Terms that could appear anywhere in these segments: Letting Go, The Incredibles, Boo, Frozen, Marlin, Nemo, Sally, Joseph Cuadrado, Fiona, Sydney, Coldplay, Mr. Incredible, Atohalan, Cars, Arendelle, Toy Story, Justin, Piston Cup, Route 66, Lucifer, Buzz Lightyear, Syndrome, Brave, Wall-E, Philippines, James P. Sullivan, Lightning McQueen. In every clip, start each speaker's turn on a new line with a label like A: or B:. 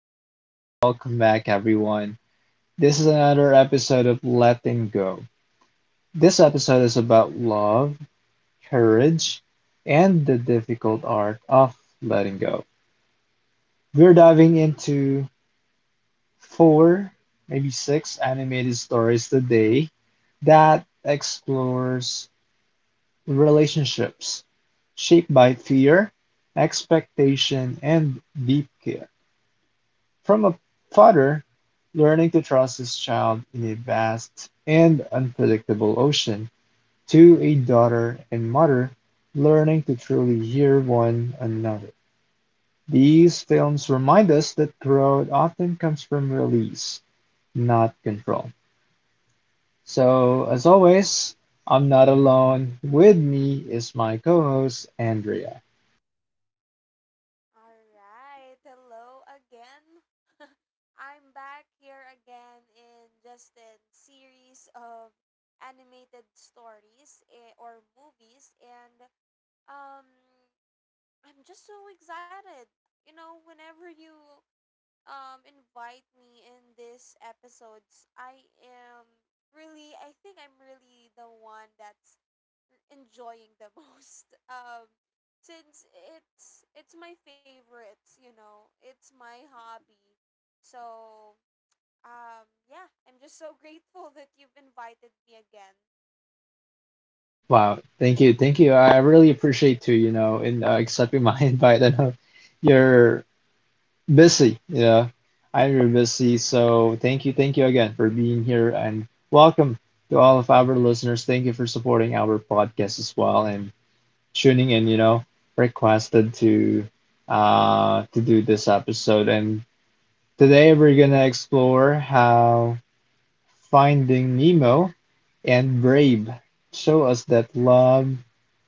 A: your host. Welcome back, everyone. This is another episode of Letting Go. This episode is about love, courage, and the difficult art of letting go. We're diving into four, maybe six animated stories today that explores relationships shaped by fear, expectation, and deep care. From a father learning to trust his child in a vast and unpredictable ocean, to a daughter and mother learning to truly hear one another. These films remind us that growth often comes from release, not control. So, as always, I'm not alone. With me is my co-host Andrea.
B: All right. Hello again. I'm back here again in Justin's series of animated stories or movies. And um I'm just so excited. You know, whenever you invite me in these episodes, I am really I think I'm really the one that's enjoying the most. Um, since it's my favorites, you know, it's my hobby. So yeah, I'm just so grateful that you've invited me again.
A: Wow, thank you, thank you. I really appreciate you, you know, in accepting my invite. I know you're busy, yeah. I'm very busy, so thank you again for being here, and welcome to all of our listeners. Thank you for supporting our podcast as well and tuning in, you know, requested to do this episode. And today we're gonna explore how Finding Nemo and Brave show us that love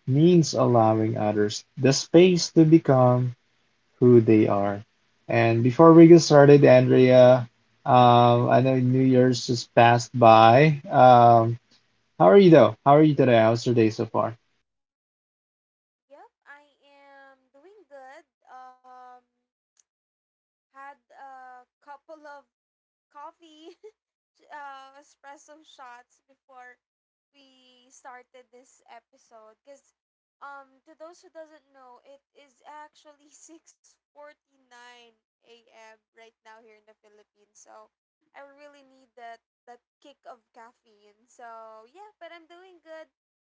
A: means allowing others the space to become who they are. And before we get started, Andrea, I know New Year's just passed by. How are you though? How are you today? How's your day so far?
B: Yep, I am doing good. um Had a couple of coffee espresso shots before we started this episode, because to those who doesn't know, it is actually 6:49 a.m. right now here in the Philippines, so I really need that kick of caffeine. So yeah, but I'm doing good.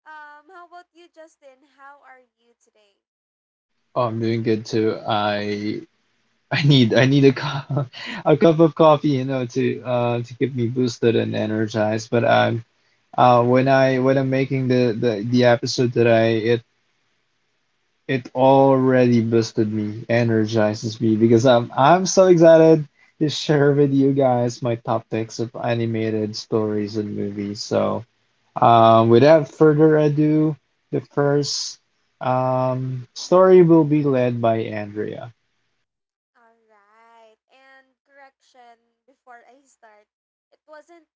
B: How about you, Justin? How are you today?
A: Oh, I'm doing good too. I I need a cup a cup of coffee, you know, to keep me boosted and energized. But I'm when I'm making the episode today, it already boosted me, energizes me because I'm so excited to share with you guys my top picks of animated stories and movies. So, without further ado, the first story will be led by Andrea.
B: All right, and correction, before I start, it wasn't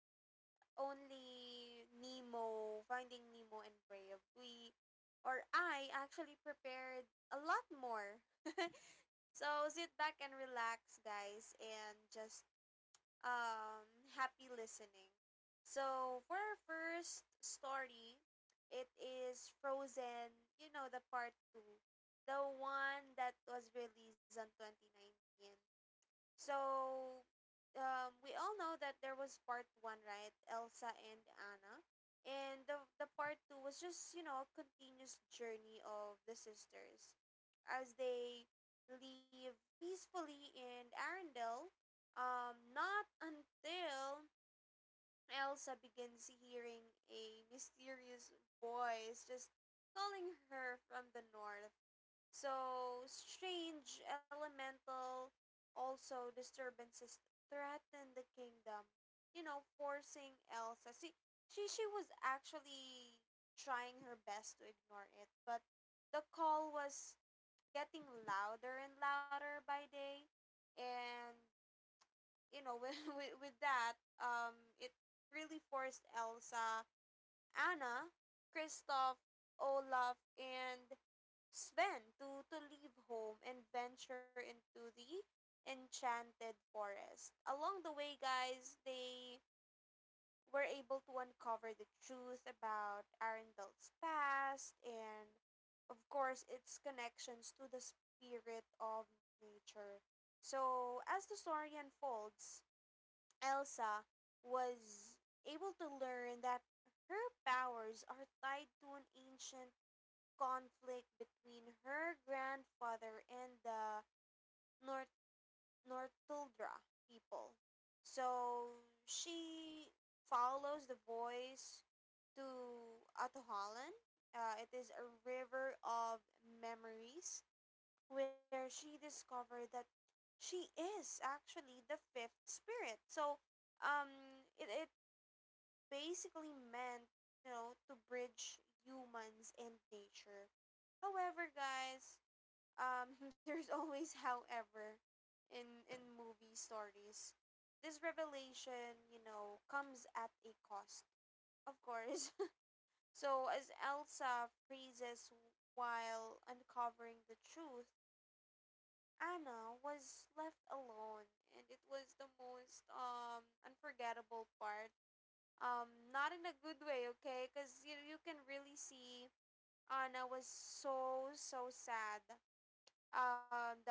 B: only Nemo, Finding Nemo and Brave. We or I actually prepared a lot more. So sit back and relax, guys, and just um happy listening. So for our first story, it is Frozen, you know, the part 2. The one that was released on 2019. So, we all know that there was part one, right? Elsa and Anna. And the part two was just, you know, a continuous journey of the sisters as they leave peacefully in Arendelle. Not until Elsa begins hearing a mysterious voice just calling her from the north. So, strange elemental also disturbances threatened the kingdom, you know, forcing Elsa. See, she was actually trying her best to ignore it, but the call was getting louder and louder by day, and you know, with that, it really forced Elsa, Anna, Kristoff, Olaf, and Sven to leave home and venture into the enchanted forest. Along the way, guys, they were able to uncover the truth about Arendelle's past and, of course, its connections to the spirit of nature. So, as the story unfolds, Elsa was able to learn that her powers are tied to an ancient conflict between her grandfather and the Nort- Nortuldra people. So she follows the voice to Atohalan. It is a river of memories where she discovered that she is actually the fifth spirit. So, it basically meant, you know, to bridge humans and nature. However, guys, there's always, however, in movie stories, this revelation, you know, comes at a cost, of course. So as Elsa freezes while uncovering the truth, Anna was left alone, and it was the most unforgettable part. Not in a good way, okay? Because you can really see Anna was so so sad that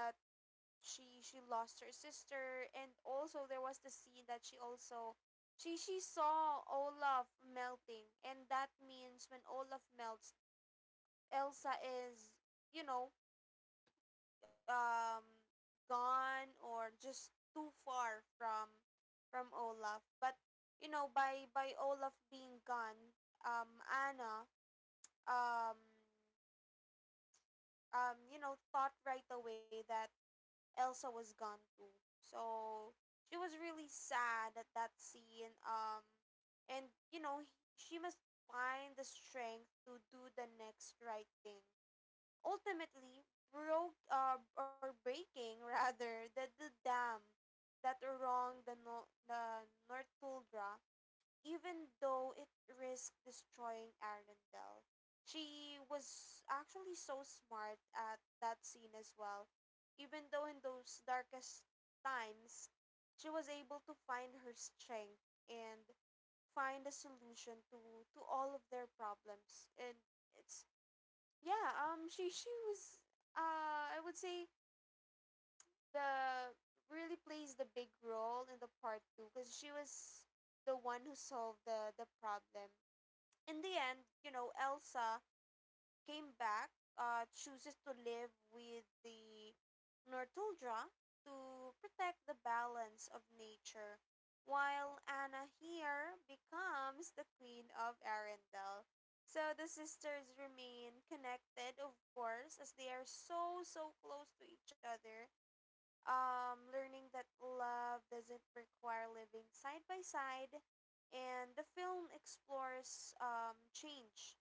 B: she lost her sister. And also there was the scene that she also she saw Olaf melting, and that means when Olaf melts, Elsa is, you know, um gone or just too far from Olaf. But you know, by Olaf being gone, Anna, um you know, thought right away that Elsa was gone too. So she was really sad at that scene. And you know, she must find the strength to do the next right thing. Ultimately, broke or breaking rather the dam that wrong the no- the Northuldra, even though it risked destroying Arendelle. She was actually so smart at that scene as well. Even though in those darkest times, she was able to find her strength and find a solution to all of their problems. And it's yeah, she was I would say the really plays the big role in the part 2, because she was the one who solved the problem in the end. You know, Elsa came back, chooses to live with the Nortuldra to protect the balance of nature, while Anna here becomes the queen of Arendelle. So the sisters remain connected, of course, as they are so, so close to each other, learning that love doesn't require living side by side, and the film explores change,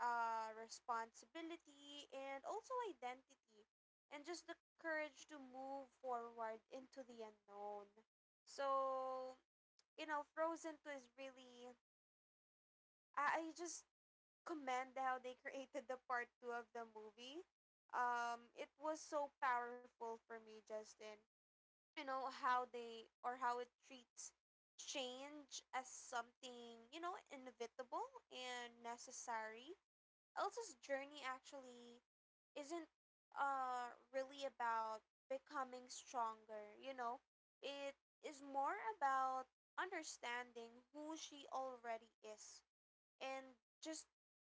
B: responsibility, and also identity, and just the courage to move forward into the unknown. So, you know, Frozen 2 is really. I just commend how they created the part 2 of the movie. It was so powerful for me, Justin. You know how they or how it treats change as something, you know, inevitable and necessary. Elsa's journey actually isn't really about becoming stronger. You know, it is more about understanding who she already is, and just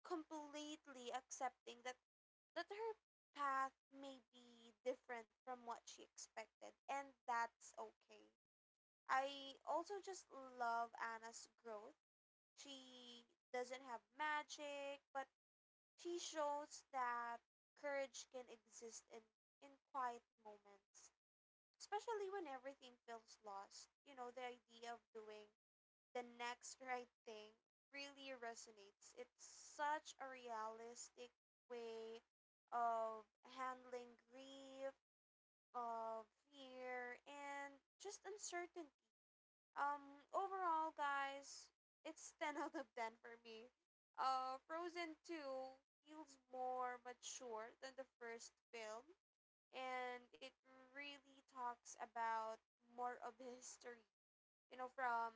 B: completely accepting that her path may be different from what she expected, and that's okay. I also just love Anna's growth. She doesn't have magic, but she shows that courage can exist in quiet moments, especially when everything feels lost. You know, the idea of doing the next right thing really resonates. It's such a realistic way of handling grief, of fear, and just uncertainty. Overall, guys, it's 10 out of 10 for me. Frozen 2 feels more mature than the first film, and it really talks about more of history, you know, from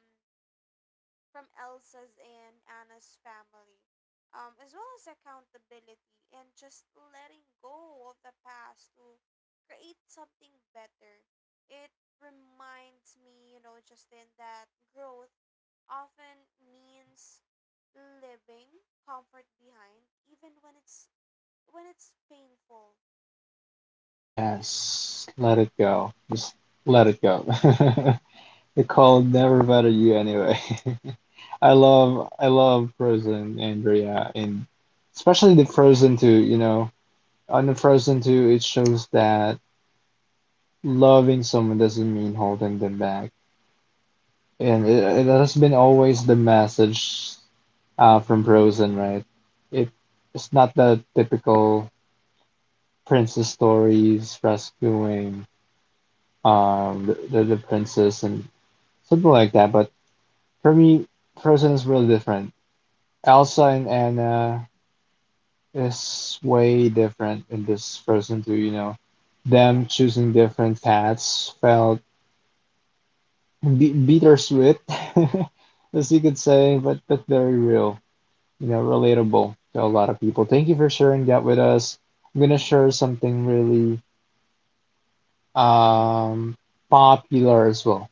B: Elsa's and Anna's family, as well as accountability and just letting go of the past to create something better. It reminds me, you know, Justin, that growth often means living comfort behind, even when it's painful.
A: Yes, let it go. Just let it go. The cold never bothered you anyway. I love Frozen, Andrea, and especially the Frozen 2, you know. On the Frozen 2, it shows that loving someone doesn't mean holding them back. And it has been always the message from Frozen, right? It, it's not the typical princess stories rescuing the princess and something like that. But for me, Frozen is really different. Elsa and Anna is way different in this Frozen 2, you know. Them choosing different paths felt bittersweet, as you could say, but very real, you know, relatable to a lot of people. Thank you for sharing that with us. I'm gonna share something really um popular as well,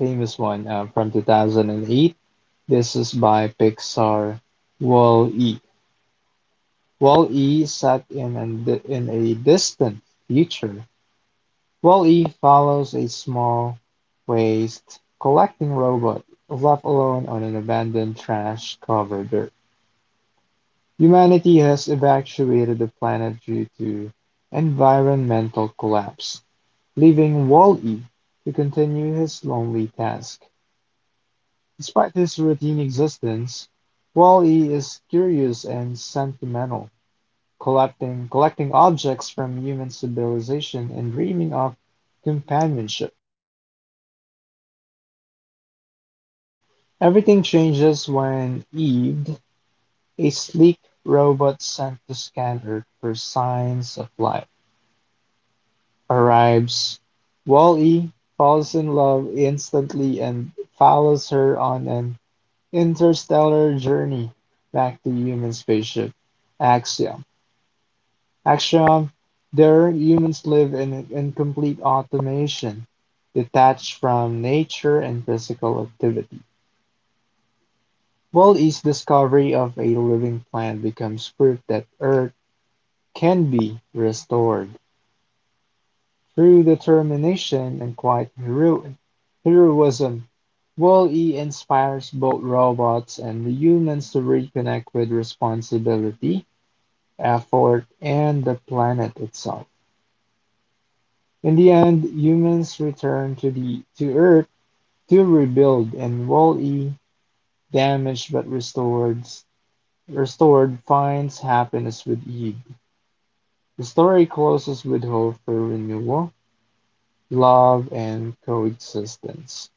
A: famous one from 2008. This is by Pixar, Wall-E. Wall-E set in a distant future. Wall-E follows a small waste collecting robot, left alone on an abandoned trash covered. Humanity has evacuated the planet due to environmental collapse, leaving Wall-E to continue his lonely task. Despite his routine existence, Wall-E is curious and sentimental, collecting objects from human civilization and dreaming of companionship. Everything changes when Eve, a sleek robot sent to scan Earth for signs of life, arrives. Wall-E falls in love instantly and follows her on an interstellar journey back to human spaceship Axiom. Axiom, there humans live in incomplete automation, detached from nature and physical activity. Wally's discovery of a living plant becomes proof that Earth can be restored. Through determination and quite heroism, Wall-E inspires both robots and humans to reconnect with responsibility, effort, and the planet itself. In the end, humans return to the to Earth to rebuild, and Wall-E, damaged but restored, finds happiness with Eve. The story closes with hope for renewal, love, and coexistence.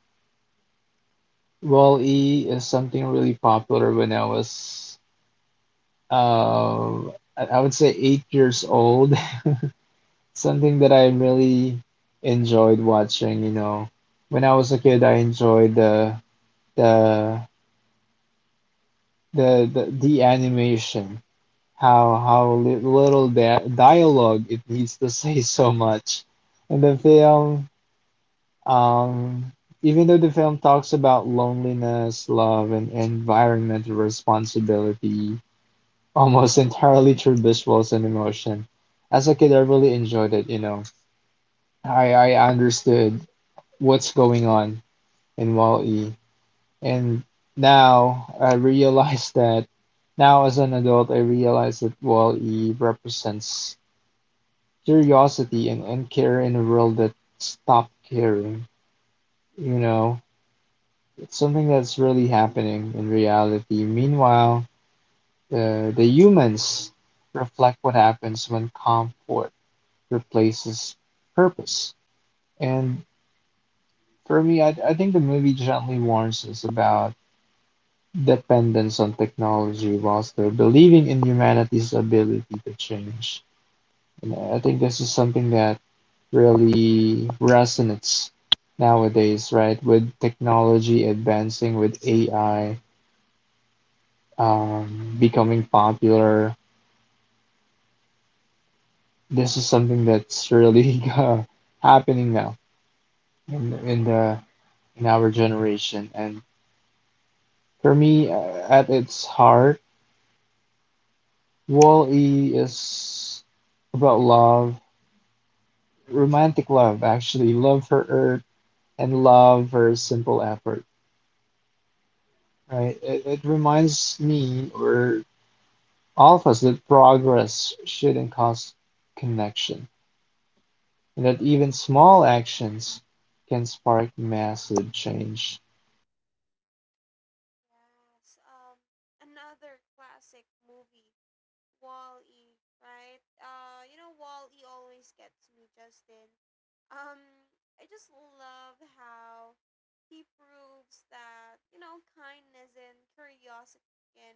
A: Wall-E is something really popular when I was, uh, I would say, 8 years old. Something that I really enjoyed watching. You know, when I was a kid, I enjoyed the the animation. How little that dialogue it needs to say so much, and the film. Um, even though the film talks about loneliness, love, and environmental responsibility almost entirely through visuals and emotion, as a kid, I really enjoyed it. You know, I understood what's going on in Wall E, and now I realize that now as an adult, I realize that Wall E represents curiosity and care in a world that stopped caring. You know, it's something that's really happening in reality. Meanwhile, the humans reflect what happens when comfort replaces purpose. And for me, I think the movie gently warns us about dependence on technology while still believing in humanity's ability to change. And I think this is something that really resonates nowadays, right? With technology advancing, with AI becoming popular. This is something that's really happening now in the in our generation. And for me, at its heart, Wall-E is about love, romantic love, actually, love for Earth and love for simple effort, right? It reminds me or all of us that progress shouldn't cost connection. And that even small actions can spark massive change.
B: Yes. Another classic movie, Wall-E, right? You know, Wall-E always gets me, Justin. Um, I just love how he proves that, you know, kindness and curiosity can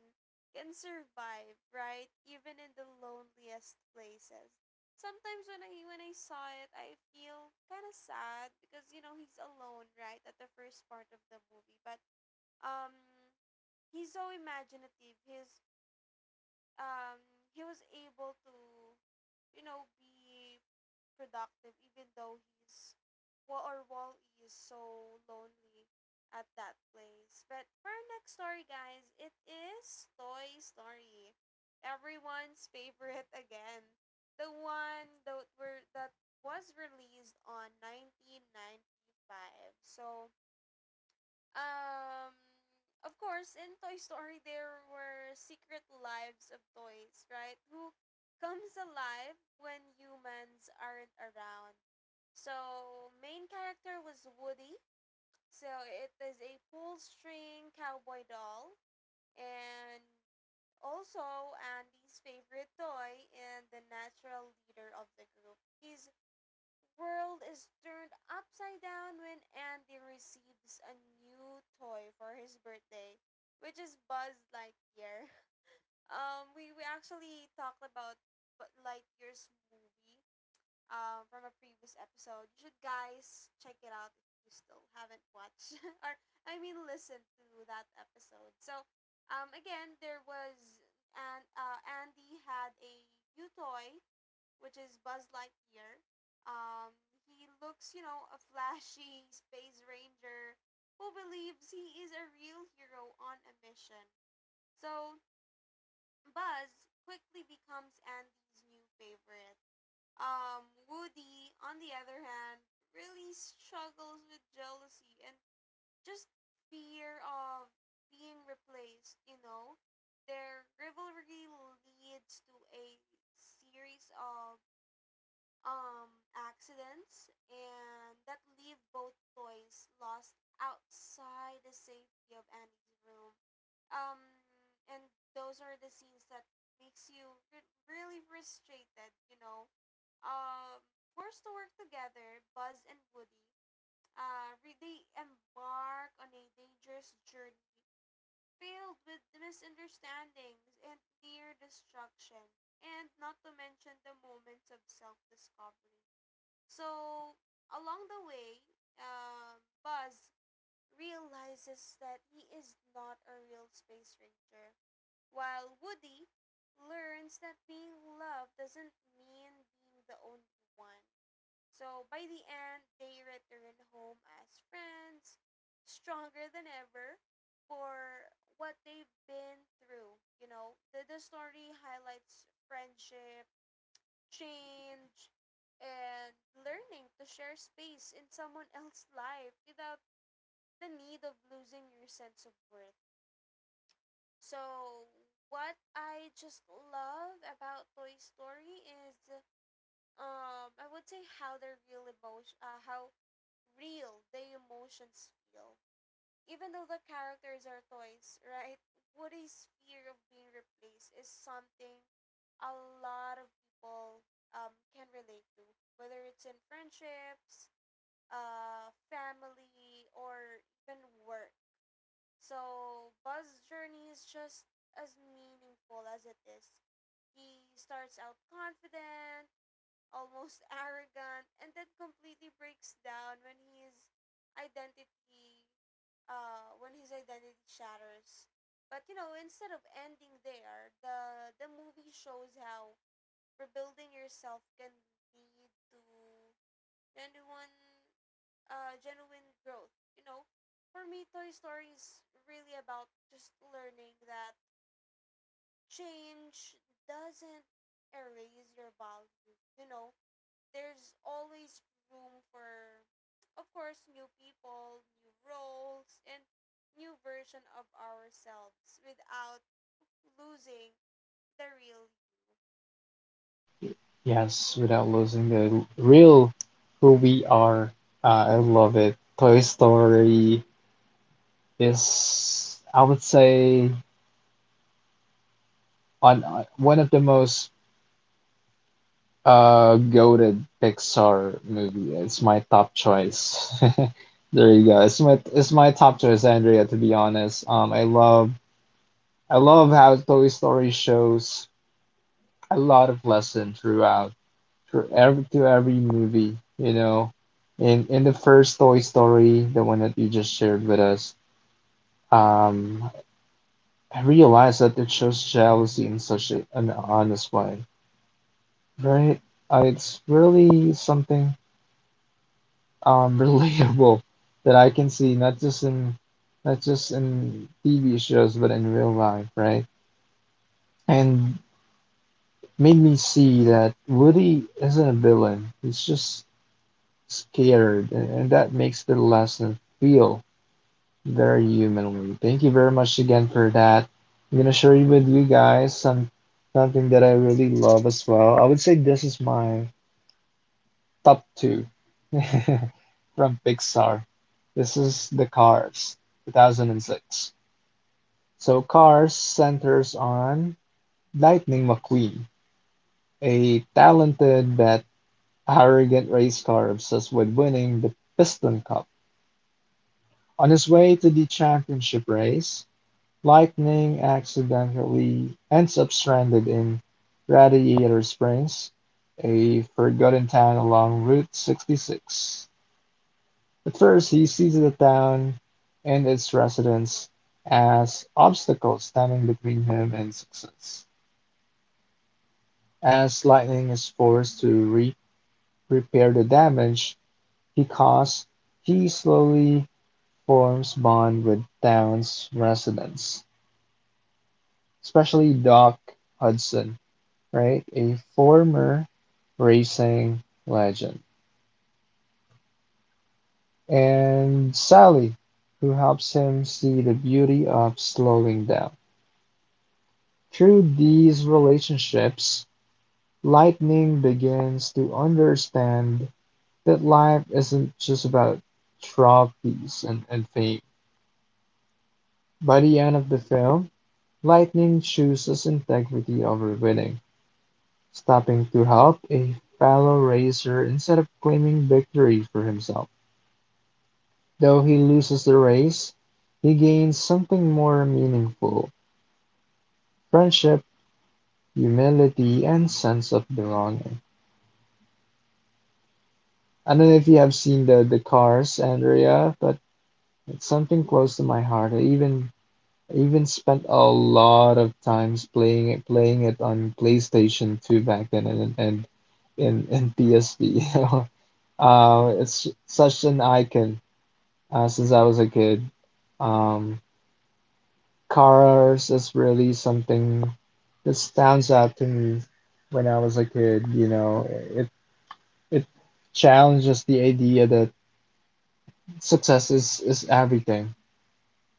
B: can survive, right? Even in the loneliest places. Sometimes when I saw it, I feel kind of sad because, you know, he's alone, right, at the first part of the movie. But um he's so imaginative. His um he was able to, you know, be productive even though he's Wa- or Wall e is so lonely at that place. But for our next story, guys, it is Toy Story, everyone's favorite again. The one that were that was released on 1995. So um, of course, in Toy Story, there were secret lives of toys, right? Who comes alive when humans aren't around. So, main character was Woody. So, it is a pull string cowboy doll. And also, Andy's favorite toy and the natural leader of the group. He's world is turned upside down when Andy receives a new toy for his birthday, which is Buzz Lightyear. We actually talked about Lightyear's movie, from a previous episode. You should guys check it out if you still haven't watched or I mean listen to that episode. So, again, there was Andy had a new toy which is Buzz Lightyear. Um, he looks, you know, a flashy space ranger who believes he is a real hero on a mission. So Buzz quickly becomes Andy's new favorite. Woody, on the other hand, really struggles with jealousy and just fear of being replaced, you know. Their rivalry leads to a series of accidents, and that leave both toys lost outside the safety of Andy's room. Um, and those are the scenes that makes you really frustrated, you know. Um, forced to work together, Buzz and Woody, they embark on a dangerous journey filled with misunderstandings and near destruction, and not to mention the moments of self-discovery. So along the way, Buzz realizes that he is not a real space ranger, while Woody learns that being loved doesn't mean being the only one. So by the end, they return home as friends, stronger than ever for what they've been through. You know, the story highlights friendship, change, and learning to share space in someone else's life without the need of losing your sense of worth. So, what I just love about Toy Story is, I would say how real the emotions feel, even though the characters are toys, right? Woody's fear of being replaced is something a lot of people, can relate to, whether it's in friendships, family, or even work. So Buzz's journey is just as meaningful as it is. He starts out confident, almost arrogant, and then completely breaks down when identity, his identity shatters. But you know, instead of ending there, the movie shows how rebuilding yourself can lead to genuine, genuine growth. You know, for me, Toy Story is really about just learning that change doesn't erase your value. You know, there's always room for, of course, new people, new roles, and new version of ourselves without losing the real you.
A: Yes, without losing the real who we are. I love it. Toy Story is, I would say, on one of the most goated Pixar movie. It's my top choice. There you go. It's my top choice, Andrea, to be honest. I love how Toy Story shows a lot of lesson throughout through every to every movie, you know. In the first Toy Story, the one that you just shared with us, um, I realized that it shows jealousy in such an honest way, right? It's really something relatable that I can see not just in TV shows but in real life, right? And made me see that Woody isn't a villain. He's just scared, and that makes the lesson feel. Very humanly. Thank you very much again for that. I'm gonna share you with you guys some something that I really love as well. I would say this is my top two from Pixar. This is the Cars, 2006. So Cars centers on Lightning McQueen, a talented but arrogant race car obsessed with winning the Piston Cup. On his way to the championship race, Lightning accidentally ends up stranded in Radiator Springs, a forgotten town along Route 66. At first, he sees the town and its residents as obstacles standing between him and success. As Lightning is forced to repair the damage he caused, he slowly forms bond with town's residents, especially Doc Hudson, right? A former racing legend. And Sally, who helps him see the beauty of slowing down. Through these relationships, Lightning begins to understand that life isn't just about trophies and fame. By the end of the film, Lightning chooses integrity over winning, stopping to help a fellow racer instead of claiming victory for himself. Though he loses the race, he gains something more meaningful: friendship, humility, and sense of belonging. I don't know if you have seen the Cars, Andrea, but it's something close to my heart. I even spent a lot of times playing it on PlayStation 2 back then and PSP. You know, it's such an icon since I was a kid. Um, Cars is really something that stands out to me when I was a kid, you know. It it challenges the idea that success is everything.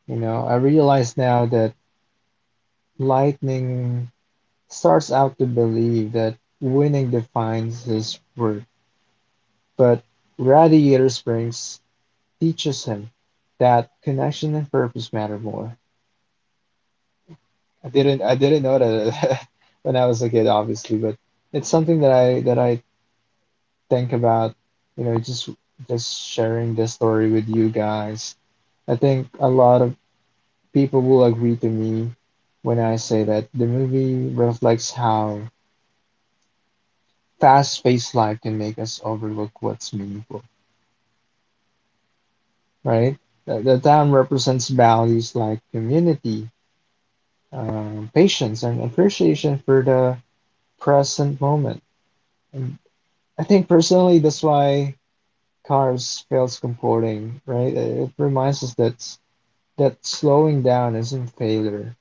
A: You know, I realize now that Lightning starts out to believe that winning defines his worth, but Radiator Springs teaches him that connection and purpose matter more. I didn't know that when I was a kid, obviously, but it's something that I think about, you know, just sharing this story with you guys. I think a lot of people will agree to me when I say that the movie reflects how fast-paced life can make us overlook what's meaningful, right? The town represents values like community, patience, and appreciation for the present moment. And I think personally, that's why Cars feels comforting, right? It reminds us that slowing down isn't failure.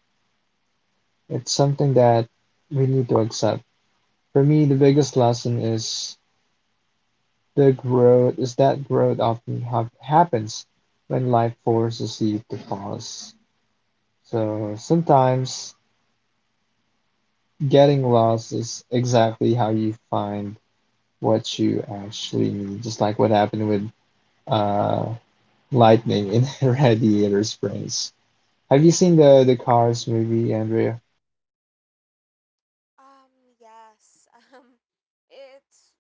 A: It's something that we need to accept. For me, the biggest lesson is the growth is that growth often happens when life forces you to pause. So sometimes getting lost is exactly how you find what you actually need, just like what happened with uh, lightning in Radiator Springs. Have you seen the Cars movie, Andrea?
B: Um, yes. Um, it's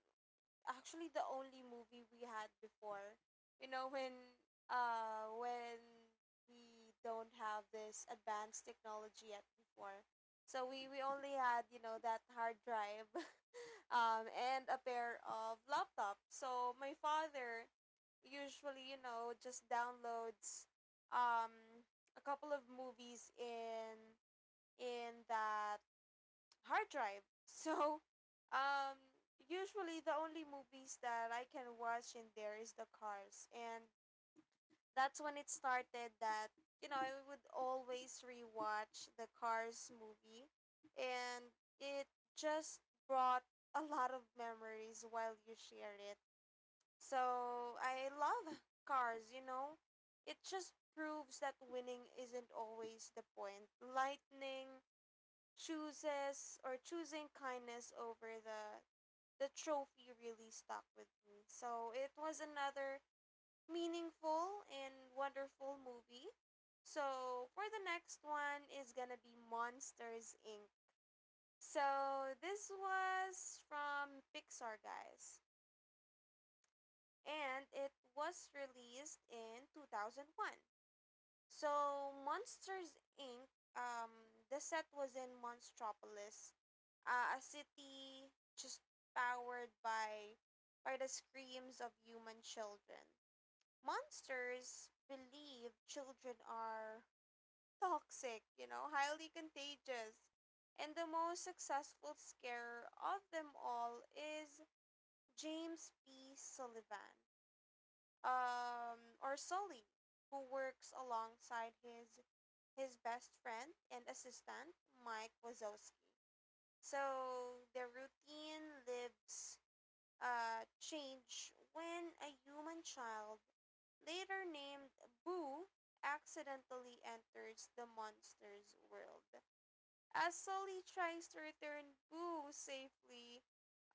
B: actually the only movie we had before. You know, when uh when we don't have this advanced technology yet before. So we only had, you know, that hard drive and a pair of laptop. So my father usually, just downloads um, a couple of movies in that hard drive. So um, usually the only movies that I can watch in there is the Cars, and that's when it started that I would always rewatch the Cars movie, and it just brought a lot of memories while you share it. So I love Cars. You know, it just proves that winning isn't always the point. Lightning chooses, or choosing kindness over the trophy really stuck with me. So it was another meaningful and wonderful movie. So for the next one is gonna be Monsters Inc. So this was from Pixar, guys, and it was released in 2001. So Monsters Inc. Um, the set was in Monstropolis, a city just powered by the screams of human children. Monsters believe children are toxic, you know, highly contagious. And the most successful scarer of them all is James P. Sullivan, or Sully, who works alongside his best friend and assistant, Mike Wazowski. So their routine lives change when a human child, later named Boo, accidentally enters the monster's world. As Sully tries to return Boo safely,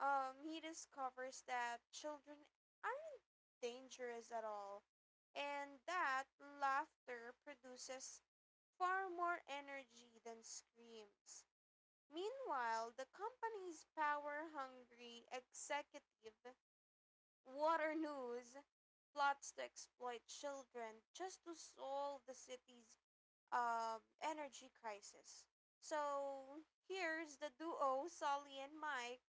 B: he discovers that children aren't dangerous at all, and that laughter produces far more energy than screams. Meanwhile, the company's power hungry executive, water news, plots to exploit children just to solve the city's energy crisis. So here's the duo, Solly and Mike,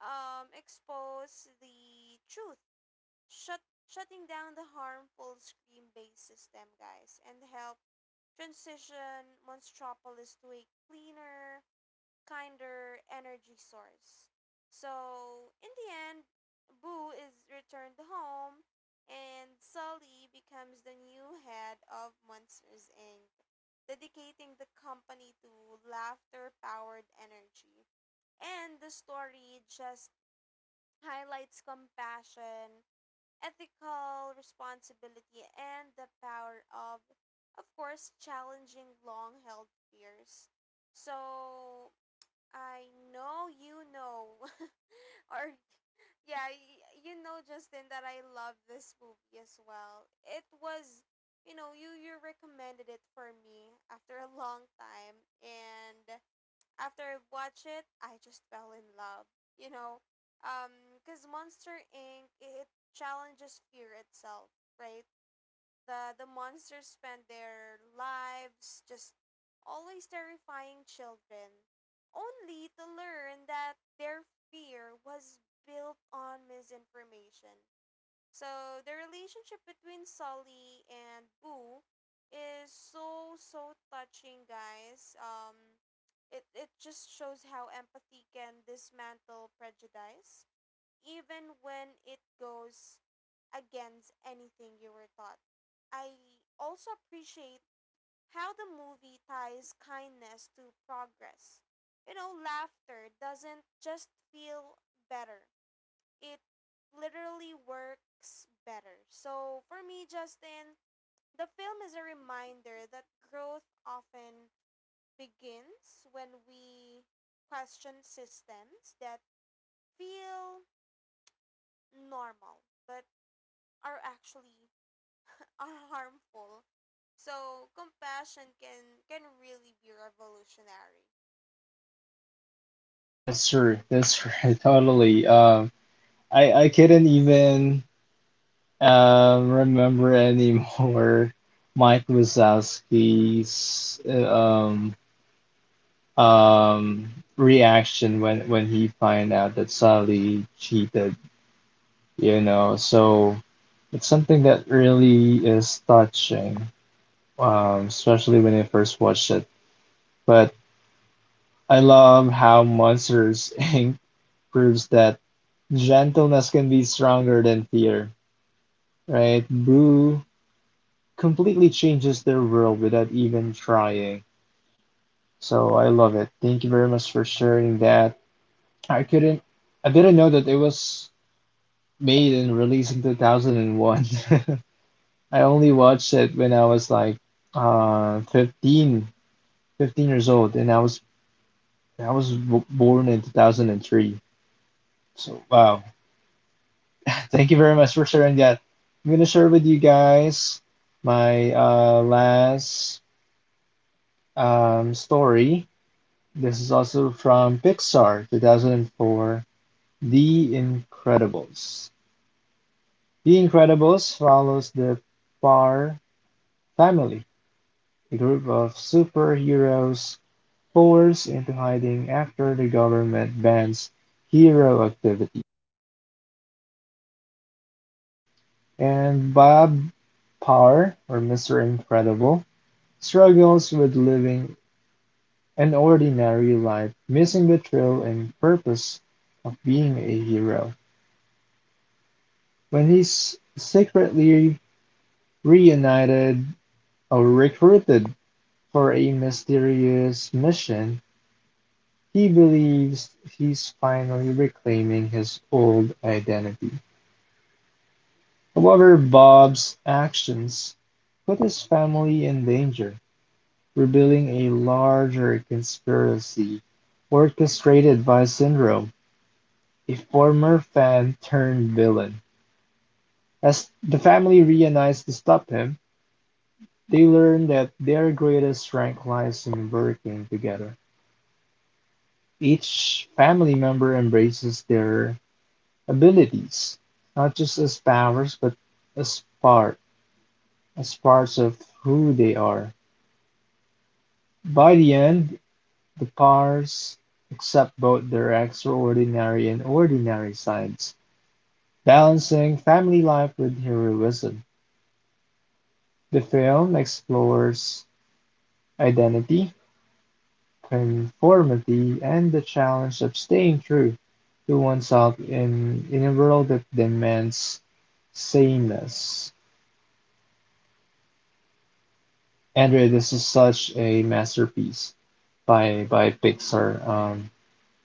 B: expose the truth, shut, shutting down the harmful screen based system, guys, and help transition Monstropolis to a cleaner, kinder energy source. So, in the end, Boo is returned home and Sully becomes the new head of Monsters Inc., dedicating the company to laughter powered energy. And the story just highlights compassion, ethical responsibility, and the power of course, challenging long held fears. So, I know you know. Or yeah, you know, Justin, that I love this movie as well. It was, you know, you recommended it for me after a long time, and after I watched it, I just fell in love, you know. Cuz Monster Inc, it challenges fear itself, right? The monsters spend their lives just always terrifying children, only to learn that their fear was built on misinformation. So the relationship between Sully and Boo is so touching, guys. It just shows how empathy can dismantle prejudice, even when it goes against anything you were taught. I also appreciate how the movie ties kindness to progress. You know, laughter doesn't just feel better, it literally works better. So, for me, Justin, the film is a reminder that growth often begins when we question systems that feel normal but are actually are harmful. So compassion can really be revolutionary.
A: That's true. That's true. Totally. I couldn't even remember anymore Mike Wazowski's um reaction when he find out that Sally cheated, you know. So it's something that really is touching, especially when I first watched it. But I love how Monsters Inc. proves that gentleness can be stronger than fear, right? Boo completely changes their world without even trying. So I love it. Thank you very much for sharing that. I couldn't, I didn't know that it was made and released in 2001. I only watched it when I was like 15, 15 years old, and I was b born in 2003. So wow. Thank you very much for sharing that. I'm gonna share with you guys my last story. This is also from Pixar 2004, The Incredibles. The Incredibles follows the Parr family, a group of superheroes forced into hiding after the government bans hero activity. And Bob Parr, or Mr. Incredible, struggles with living an ordinary life, missing the thrill and purpose of being a hero. When he's secretly reunited or recruited for a mysterious mission, he believes he's finally reclaiming his old identity. However, Bob's actions put his family in danger, revealing a larger conspiracy orchestrated by Syndrome, a former fan turned villain. As the family reunites to stop him, they learn that their greatest strength lies in working together. Each family member embraces their abilities, not just as powers, but as part, as parts of who they are. By the end, the Pairs accept both their extraordinary and ordinary sides, balancing family life with heroism. The film explores identity, conformity and the challenge of staying true to oneself in a world that demands sameness. Andrea, this is such a masterpiece by Pixar.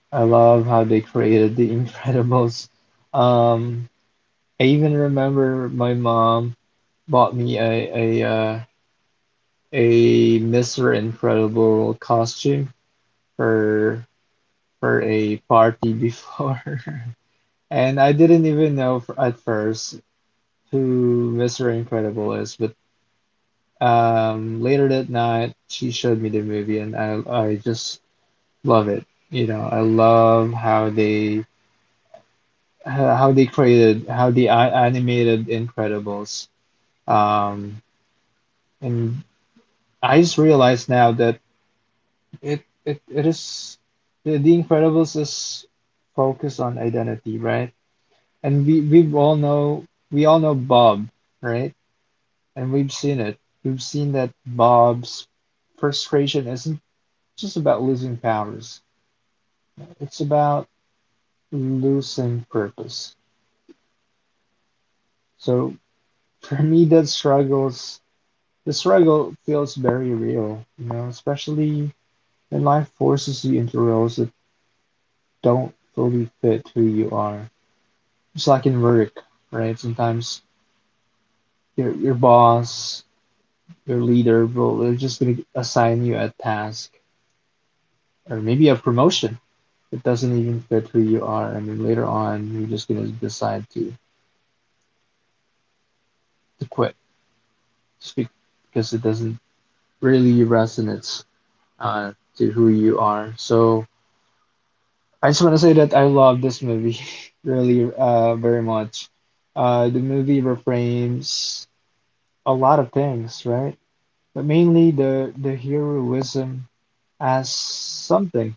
A: I love how they created The Incredibles. Um, I even remember my mom bought me a uh, a Mr. Incredible costume for for a party before. And I didn't even know at first who Mr. Incredible is, but later that night she showed me the movie, and I just love it. You know, I love how they how they created how they animated Incredibles. Um, and I just realized now that it is the Incredibles is focused on identity, right? And we all know Bob, right? And we've seen it. We've seen that Bob's frustration isn't just about losing powers, it's about losing purpose. So for me, the struggle feels very real, you know, especially when life forces you into roles that don't fully fit who you are. It's like in work, right? Sometimes your boss, your leader, will they're just going to assign you a task or maybe a promotion, it doesn't even fit who you are. I mean, later on, you're just gonna decide to quit just because it doesn't really resonate uh, to who you are. So I just want to say that I love this movie really very much. The movie reframes a lot of things, right? But mainly the heroism as something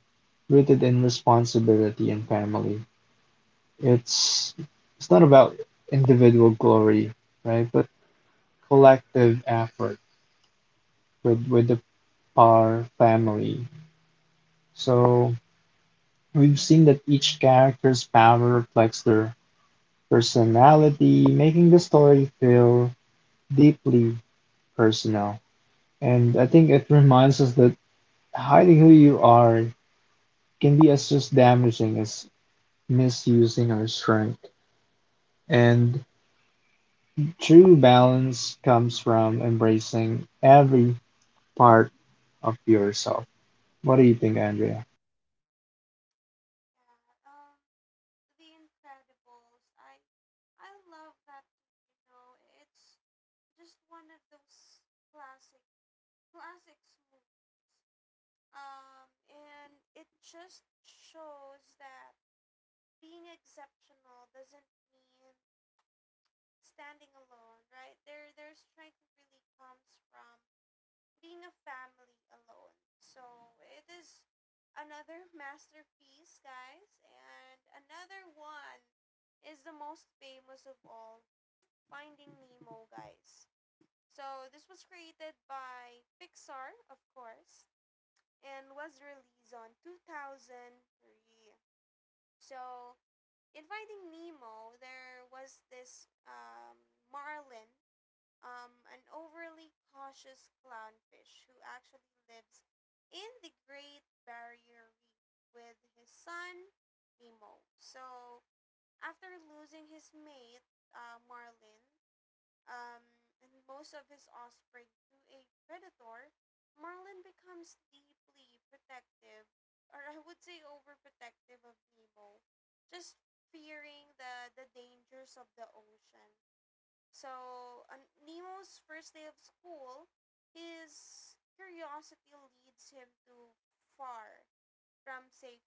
A: rooted in responsibility and family. It's it's not about individual glory, right? But collective effort with the Parr family. So we've seen that each character's power reflects their personality, making the story feel deeply personal. And I think it reminds us that hiding who you are can be as just damaging as misusing our strength. And true balance comes from embracing every part of yourself. What do you think, Andrea?
B: Yeah, The Incredibles. I love that too. You know, it's just one of those classic, classics movies. And it just shows that being exceptional doesn't mean standing alone, right? Their strength really comes from being a family alone. So it is another masterpiece, guys, and another one is the most famous of all, Finding Nemo, guys. So this was created by Pixar, of course, and was released on 2003. So in Finding Nemo, there was this Marlin, an overly cautious clownfish who actually lives in the Great Barrier Reef with his son Nemo. So after losing his mate, Marlin um, and most of his offspring to a predator, Marlin becomes deeply protective, or I would say overprotective, of Nemo, just fearing the dangers of the ocean. So, on Nemo's first day of school, his curiosity leads him too far from safety,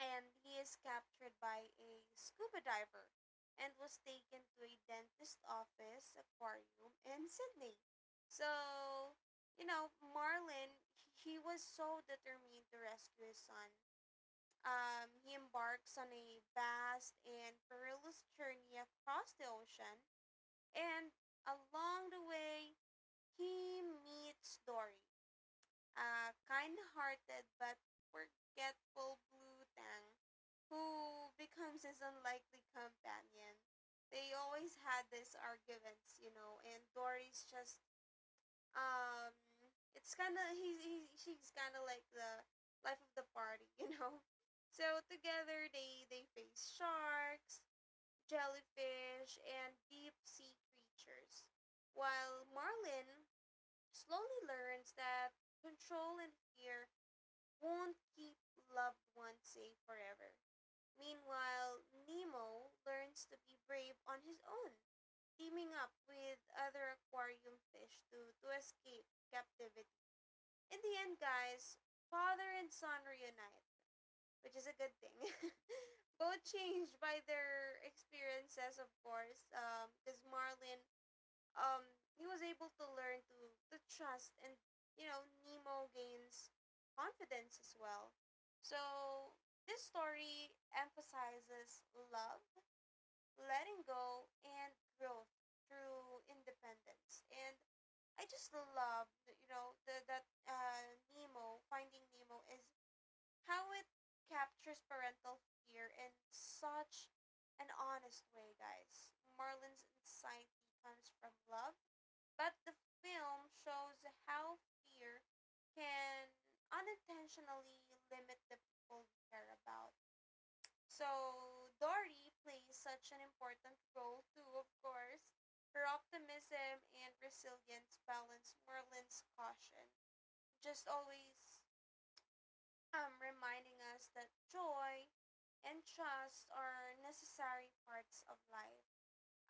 B: and he is captured by a scuba diver and was taken to a dentist office aquarium in Sydney. So, you know, Marlin, he was so determined to rescue his son. He embarks on a vast and perilous journey across the ocean, and along the way, he meets Dory, a kind hearted but forgetful blue tang who becomes his unlikely companion. They always had these arguments, you know, and Dory's just um it's kind of, she's kind of like the life of the party, you know. So together they face sharks, jellyfish, and deep sea creatures, while Marlin slowly learns that control and fear won't keep loved ones safe forever. Meanwhile, Nemo learns to be brave on his own, teaming up with other aquarium fish to escape captivity. In the end, guys, father and son reunite, which is a good thing. Both changed by their experiences, of course. Because Marlin, um, he was able to learn to trust, and you know, Nemo gains confidence as well. So this story emphasizes love, letting go, and growth through independence. And I just love, you know, the that Nemo, finding Nemo, is how it captures parental fear in such an honest way, guys. Marlin's anxiety comes from love, but the film shows how fear can unintentionally limit the people we care about. So, Dory plays such an important role, too, of course. Her optimism and resilience balance Merlin's caution. Just always reminding us that joy and trust are necessary parts of life.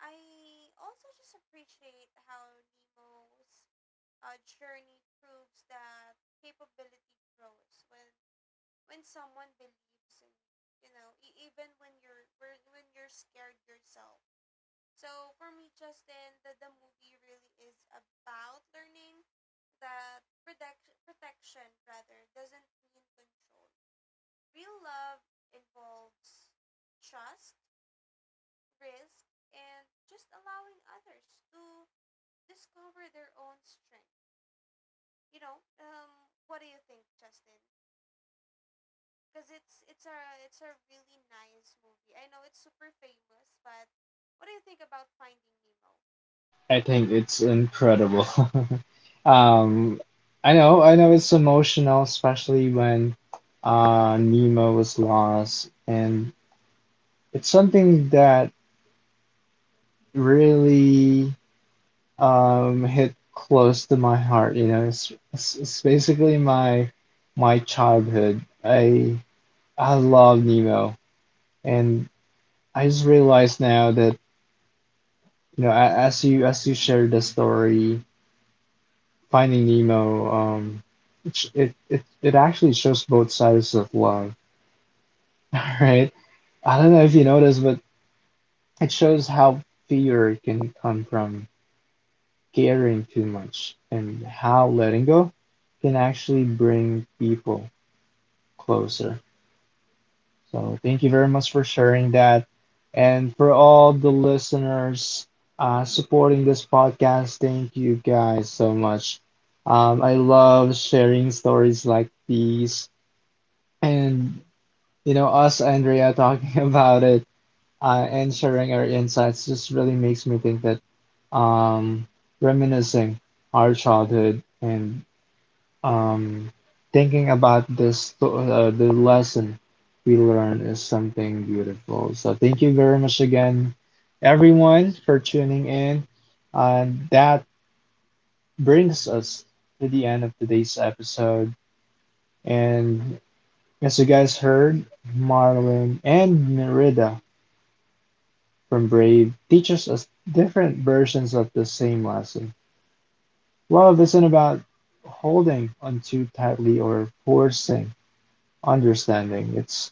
B: I also just appreciate how Nemo's journey proves that capability grows when someone believes in you. You know, even when you're when you're scared yourself. So for me, Justin, the movie really is about learning that protection, rather, doesn't mean control. Real love involves trust, risk, and just allowing others to discover their own strength. You know, what do you think, Justin? Because it's a really nice movie. I know it's super famous, but what do you think about Finding Nemo?
A: I think it's incredible. Um, I know it's emotional, especially when Nemo was lost, and it's something that really hit close to my heart, you know. It's basically my childhood. I love Nemo, and I just realized now that you know as you shared the story Finding Nemo, it actually shows both sides of love, all right? I don't know if you noticed, but it shows how fear can come from caring too much and how letting go can actually bring people closer. So, thank you very much for sharing that. And for all the listeners supporting this podcast, thank you guys so much. I love sharing stories like these. And you know, us, Andrea, talking about it and sharing our insights just really makes me think that um, reminiscing our childhood and um, thinking about this the lesson we learned is something beautiful. So thank you very much again, everyone, for tuning in. And that brings us to the end of today's episode. And as you guys heard, Marlon and Merida from Brave teaches us different versions of the same lesson. Love isn't about holding on too tightly or forcing understanding. It's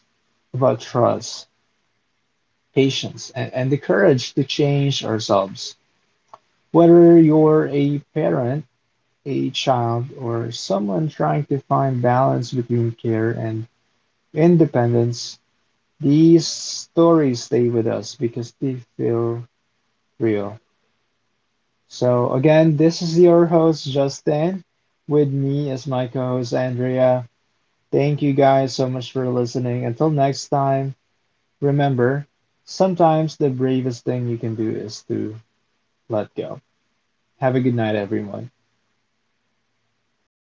A: about trust, patience, and, the courage to change ourselves. Whether you're a parent, a child, or someone trying to find balance between care and independence, these stories stay with us because they feel real. So, again, this is your host, Justin, with me as my co host, Andrea. Thank you guys so much for listening. Until next time, remember, sometimes the bravest thing you can do is to let go. Have a good night, everyone.